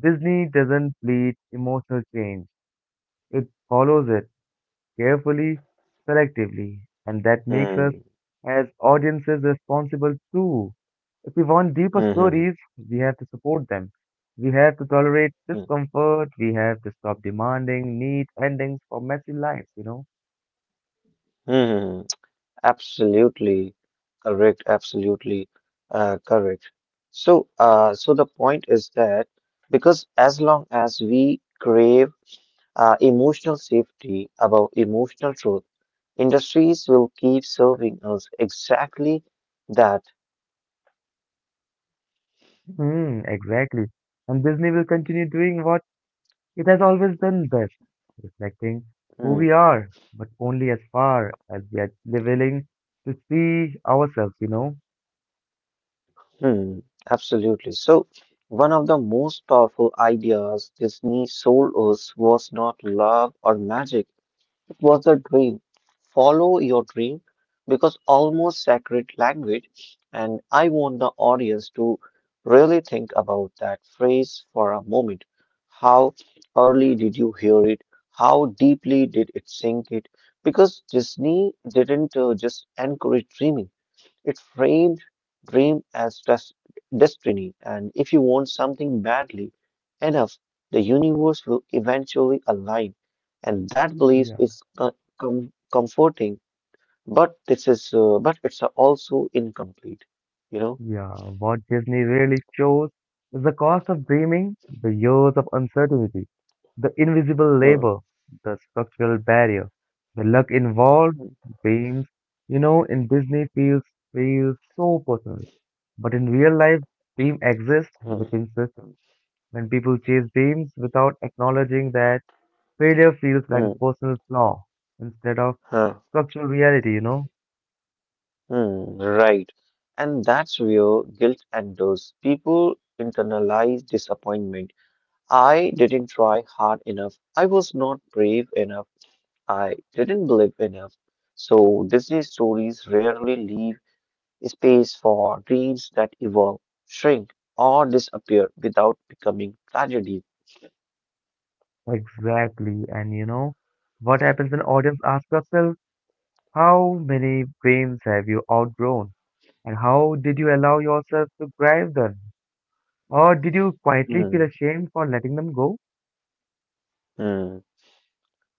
Disney doesn't bleed emotional change, it follows it carefully, selectively, and that makes us Hmm. as audiences responsible too. If we want deeper Hmm. Hmm. stories, we have to support them. We have to tolerate Hmm. discomfort. We have to stop demanding neat endings for messy lives, you know. Hmm. Hmm. Absolutely correct, absolutely uh, correct. So, uh, so the point is that because as long as we crave uh, emotional safety above emotional truth, industries will keep serving us exactly that. Mm, exactly. And Disney will continue doing what it has always done best, reflecting who Hmm. we are, but only as far as we are willing to see ourselves, you know? Hmm. Absolutely. So, one of the most powerful ideas Disney sold us was not love or magic. It was a dream. Follow your dream because almost sacred language. And I want the audience to really think about that phrase for a moment. How early did you hear it? How deeply did it sink it? Because Disney didn't uh, just encourage dreaming. It framed dream as des- destiny, and if you want something badly enough, the universe will eventually align. And that belief Yeah. is co- com- comforting, but this is uh, but it's also incomplete. You know. Yeah. What Disney really shows is the cost of dreaming, the years of uncertainty, the invisible Hmm. labor, the structural barrier, the luck involved, Hmm. dreams, you know, in Disney feels feels so personal. But in real life, dream exists Hmm. within systems. When people chase dreams without acknowledging that failure feels like a Hmm. personal flaw instead of Huh. structural reality, you know? Hmm. Right. And that's where guilt enters. People internalize disappointment. I didn't try hard enough. I was not brave enough. I didn't believe enough. So Disney stories rarely leave space for dreams that evolve, shrink, or disappear without becoming tragedies. Exactly. And you know, what happens when audience ask yourself, how many dreams have you outgrown? And how did you allow yourself to drive them? Or did you quietly feel Mm, ashamed for letting them go? mm,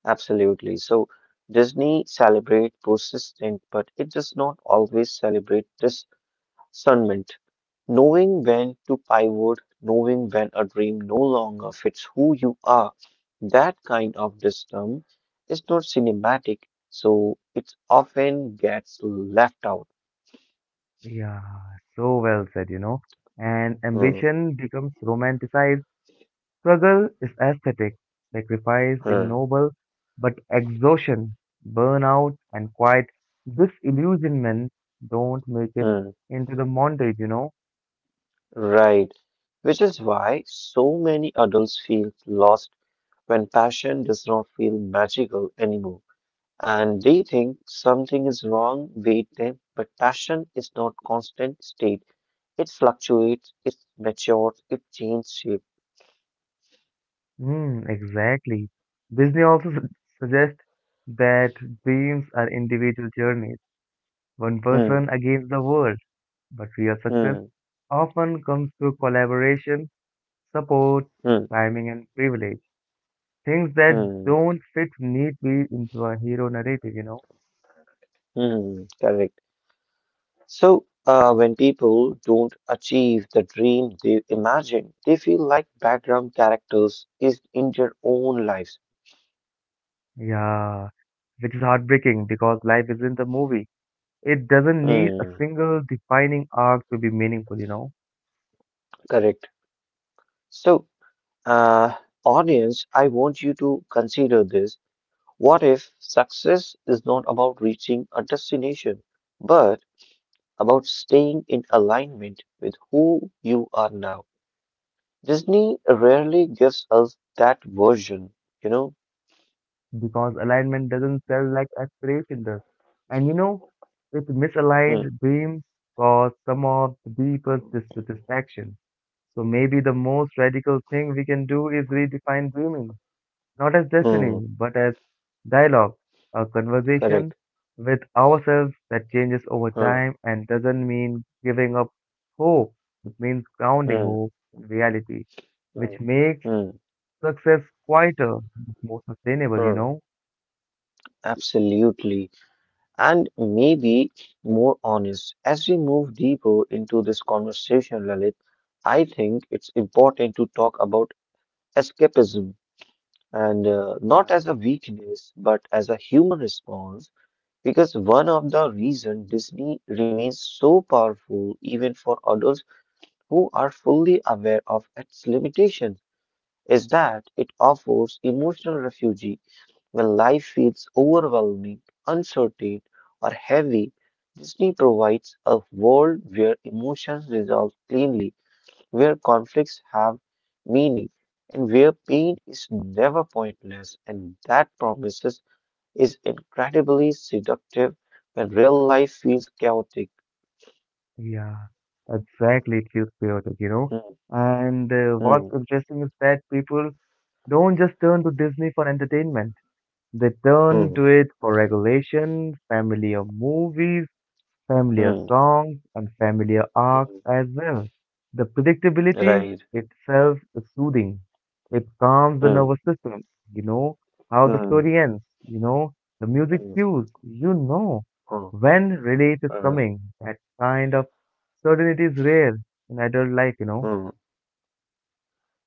absolutely. So Disney celebrate persistence, but it does not always celebrate discernment. Knowing when to pivot, knowing when a dream no longer fits who you are. That kind of system is not cinematic, so it often gets left out. Yeah, so well said, you know. And Hmm, ambition becomes romanticized. Struggle is aesthetic, sacrifice is hmm, noble, but exhaustion, burnout, and quiet disillusionment don't make it hmm. into the montage, you know? Right, which is why so many adults feel lost when passion does not feel magical anymore. And they think something is wrong with them, but passion is not constant state. It fluctuates, it matures, it changes shape. Hmm, exactly. Disney also su- suggests that dreams are individual journeys, one Hmm, person against the world, but real success hmm, often comes through collaboration, support, hmm, timing, and privilege. Things that hmm, don't fit neatly into a hero narrative, you know? hmm. Correct. So, uh, when people don't achieve the dream they imagine, they feel like background characters is in their own lives. Yeah, which is heartbreaking because life isn't a movie. It doesn't need a Hmm, single defining arc to be meaningful, you know, correct. So, uh, audience, I want you to consider this. What if success is not about reaching a destination, but about staying in alignment with who you are now? Disney rarely gives us that version, you know? because alignment doesn't sell like aspiration does. And you know, it Hmm, misaligned dreams cause some of the deepest dissatisfaction. So maybe the most radical thing we can do is redefine dreaming, not as hmm, destiny, but as dialogue, a conversation correct. with ourselves that changes over Hmm. time and doesn't mean giving up hope. It means grounding Hmm. hope in reality, which Mm, makes mm, success quieter, more sustainable, you mm, know? absolutely. And maybe more honest. As we move deeper into this conversation, Lalit, I think it's important to talk about escapism and uh, Yeah. not as a weakness, but as a human response, because one of the reasons Disney remains so powerful, even for adults who are fully aware of its limitations, is that it offers emotional refuge. When life feels overwhelming, uncertain, or heavy, Disney provides a world where emotions resolve cleanly, where conflicts have meaning, and where pain is never pointless. And that promises is incredibly seductive when real life feels chaotic. Yeah, exactly. It feels chaotic, you know? Hmm, And uh, what's hmm, interesting is that people don't just turn to Disney for entertainment. They turn hmm, to it for regulation, family, or movies, familiar hmm, songs and familiar arcs hmm. as well. The predictability Right. itself is soothing. It calms the Hmm, nervous system. You know how the hmm, story ends. You know the music hmm, cues. You know hmm, when relief is hmm, hmm. coming. That kind of certainty is rare in adult life, you know. hmm.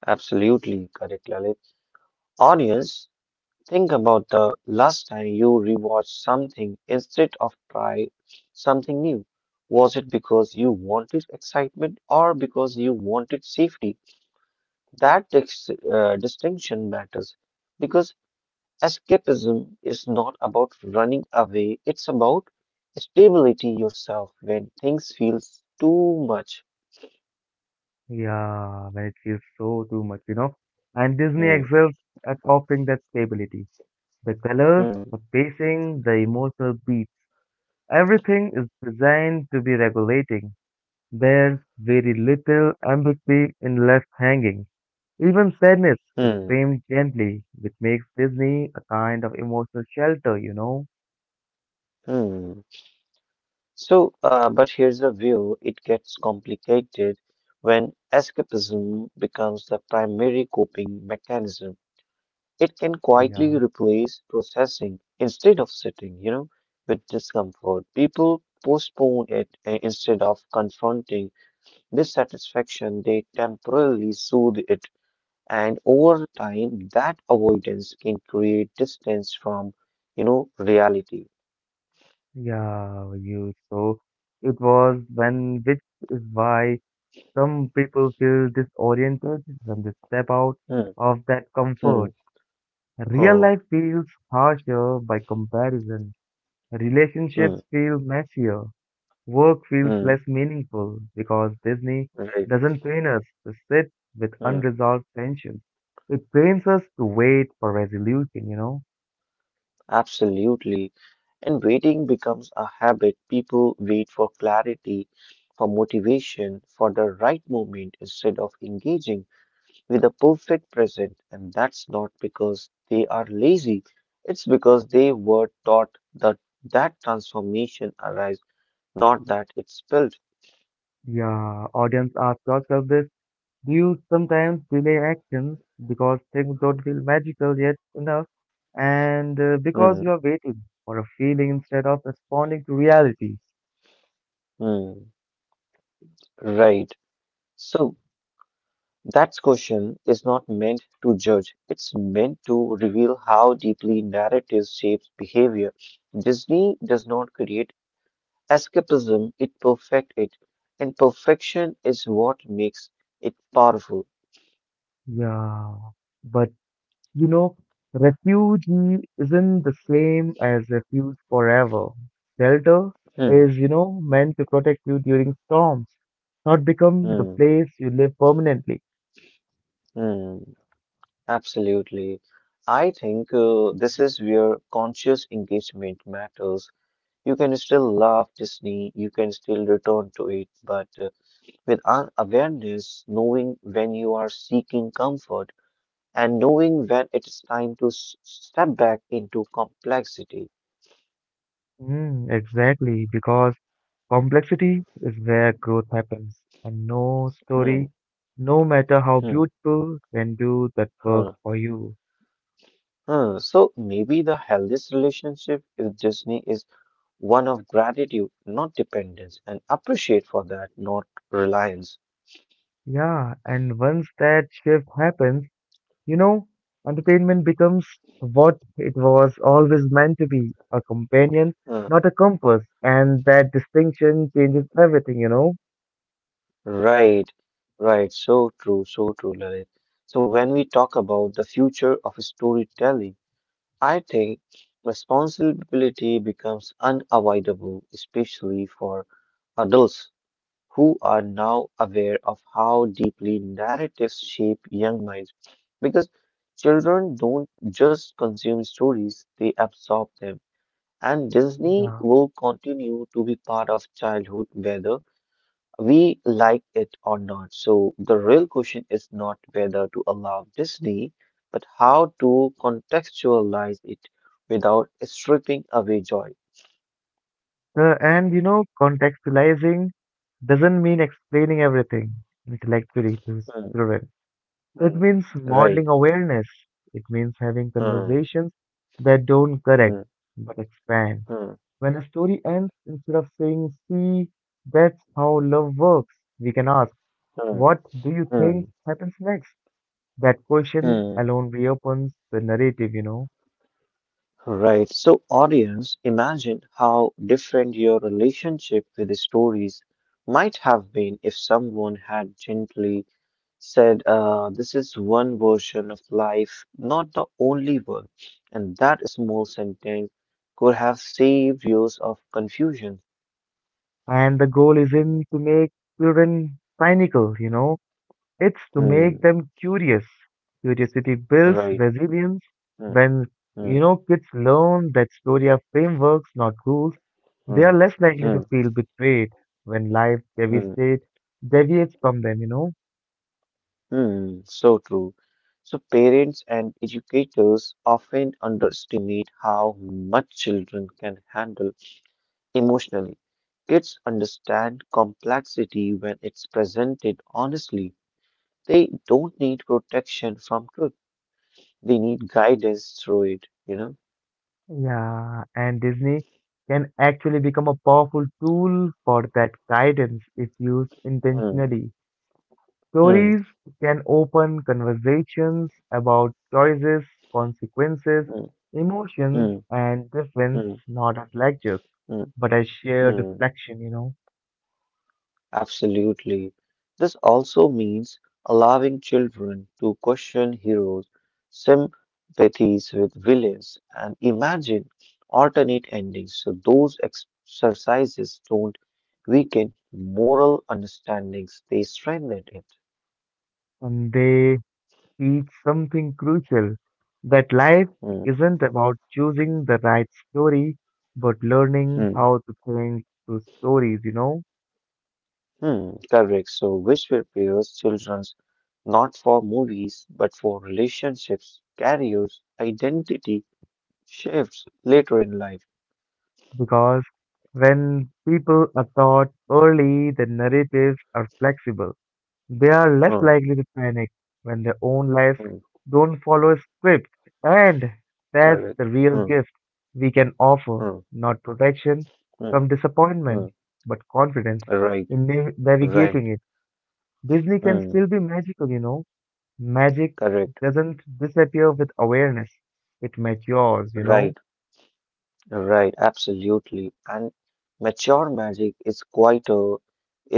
Absolutely correct, Lalit. Audience, think about the last time you rewatched something instead of try something new. Was it because you wanted excitement or because you wanted safety? That dis- uh, distinction matters because escapism is not about running away, it's about stability yourself when things feels too much. Yeah, when it feels so too much, you know. And Disney Hmm, excels at offering that stability. The colors, hmm, the pacing, the emotional beat, everything is designed to be regulating. There's very little ambiguity in left hanging. Even sadness is hmm, framed gently, which makes Disney a kind of emotional shelter, you know? hmm. So, uh, but here's a view it gets complicated when escapism becomes the primary coping mechanism. It can quietly Yeah, replace processing instead of sitting, you know, with discomfort. People postpone it uh, instead of confronting dissatisfaction, they temporarily soothe it. And over time, that avoidance can create distance from, you know, reality. yeah, you. So it was when, which is why some people feel disoriented when they step out Hmm, of that hmm, comfort. Real hmm, life feels harsher by comparison. hmm, Relationships feel messier. Work feels less hmm, meaningful because Disney right. doesn't train us to sit with Hmm, unresolved tensions. It trains us to wait for resolution, you know? absolutely. And waiting becomes a habit. People wait for clarity, for motivation, for the right moment instead of engaging with the perfect present. And that's not because they are lazy, it's because they were taught that that transformation arrives, not that it's built. Yeah, audience, ask yourself this. Do you sometimes delay actions because things don't feel magical yet enough and uh, Hmm, because you are waiting for a feeling instead of responding to reality? hmm, right. So, that question is not meant to judge, it's meant to reveal how deeply narrative shapes behavior. Disney does not create escapism, it perfects it, and perfection is what makes it powerful. Yeah, but You know, refugee isn't the same as refuge forever. Shelter Hmm, is, you know, meant to protect you during storms, not become the hmm, place you live permanently. hmm, absolutely. I think uh, this is where conscious engagement matters. You can still love Disney, you can still return to it, but uh, with an awareness, knowing when you are seeking comfort and knowing when it's time to s- step back into complexity. Mm, exactly, because complexity is where growth happens, and no story, Hmm, no matter how hmm, beautiful, can do that work hmm, for you. hmm. So maybe the healthiest relationship with Disney is one of gratitude, not dependence, and appreciate for that, not reliance. Yeah, and once that shift happens, You know, entertainment becomes what it was always meant to be a companion, Hmm. not a compass. And that distinction changes everything, you know? Right, right. So true, so true, Lalit. So when we talk about the future of storytelling, I think responsibility becomes unavoidable, especially for adults who are now aware of how deeply narratives shape young minds. Because children don't just consume stories, they absorb them. And Disney Yeah. will continue to be part of childhood, whether we like it or not. So the real question is not whether to allow Disney, but how to contextualize it without stripping away joy. Uh, and, you know, contextualizing doesn't mean explaining everything intellectually to Hmm, children. It hmm, means right. modeling awareness. It means having Hmm, conversations that don't correct hmm, but expand. hmm, When a story ends, instead of saying, see, that's how love works, we can ask. hmm, What do you think hmm, happens next? That question hmm. alone reopens the narrative, you know. Right. So, audience, imagine how different your relationship with the stories might have been if someone had gently said uh, this is one version of life, not the only one, and that small sentence could have saved years of confusion. And the goal isn't to make children cynical, you know. It's to make Hmm, them curious. Curiosity builds right. resilience. Hmm, When, hmm, you know, kids learn that story are frameworks, not rules, they are hmm, less likely to hmm, feel betrayed when life hmm, deviates, deviates from them, you know. hmm. So true. So parents and educators often underestimate how much children can handle emotionally. Kids understand complexity when it's presented honestly. They don't need protection from truth. They need guidance through it, you know? Yeah, and Disney can actually become a powerful tool for that guidance if used Mm, intentionally. mm, Stories can open conversations about choices, consequences, mm, emotions, mm, and difference, mm, not as lectures, mm, but as shared mm. reflection, you know. Absolutely. This also means allowing children to question heroes, sympathies with villains, and imagine alternate endings. So those exercises don't weaken moral understandings, they strengthen it. And they teach something crucial that life Mm, isn't about choosing the right story, but learning mm. how to think through stories, you know. Hmm, correct. So, which prepares children not for movies but for relationships, careers, identity shifts later in life. Because when people are taught early that narratives are flexible, they are less Hmm, likely to panic when their own lives hmm, don't follow a script. And that's correct. the real Hmm, gift we can offer, hmm, not protection hmm, from disappointment, hmm. but confidence Right, in na- right. navigating it. Disney can Hmm, still be magical, you know. Magic correct. doesn't disappear with awareness, it matures, you Right, know. right. Absolutely. And mature magic is quite a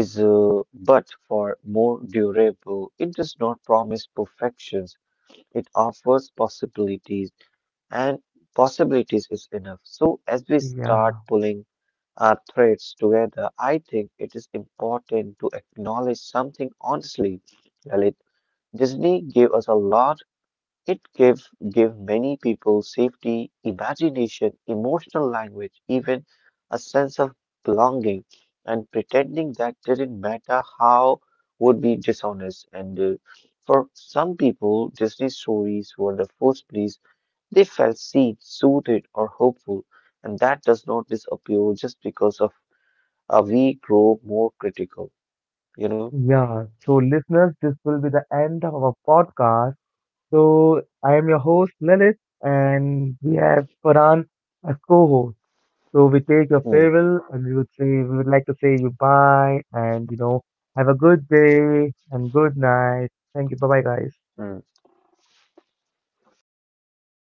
is uh, but for more durable. It does not promise perfections. It offers possibilities. And possibilities is enough. So, as we start Yeah. pulling our threads together, I think it is important to acknowledge something honestly, Lalit. Disney gave us a lot. It gave gave many people safety, imagination, emotional language, even a sense of belonging. And pretending that didn't matter how would be dishonest. And uh, for some people, Disney stories were the first place they felt seen, suited, or hopeful, and that does not disappear just because of uh, we grow more critical. You know. Yeah, so listeners, this will be the end of our podcast. So I am your host Lalit, and we have Farhan as co-host. So we take your Mm, farewell, and we would say we would like to say you bye, and you know have a good day and good night. Thank you. Bye bye, guys. mm.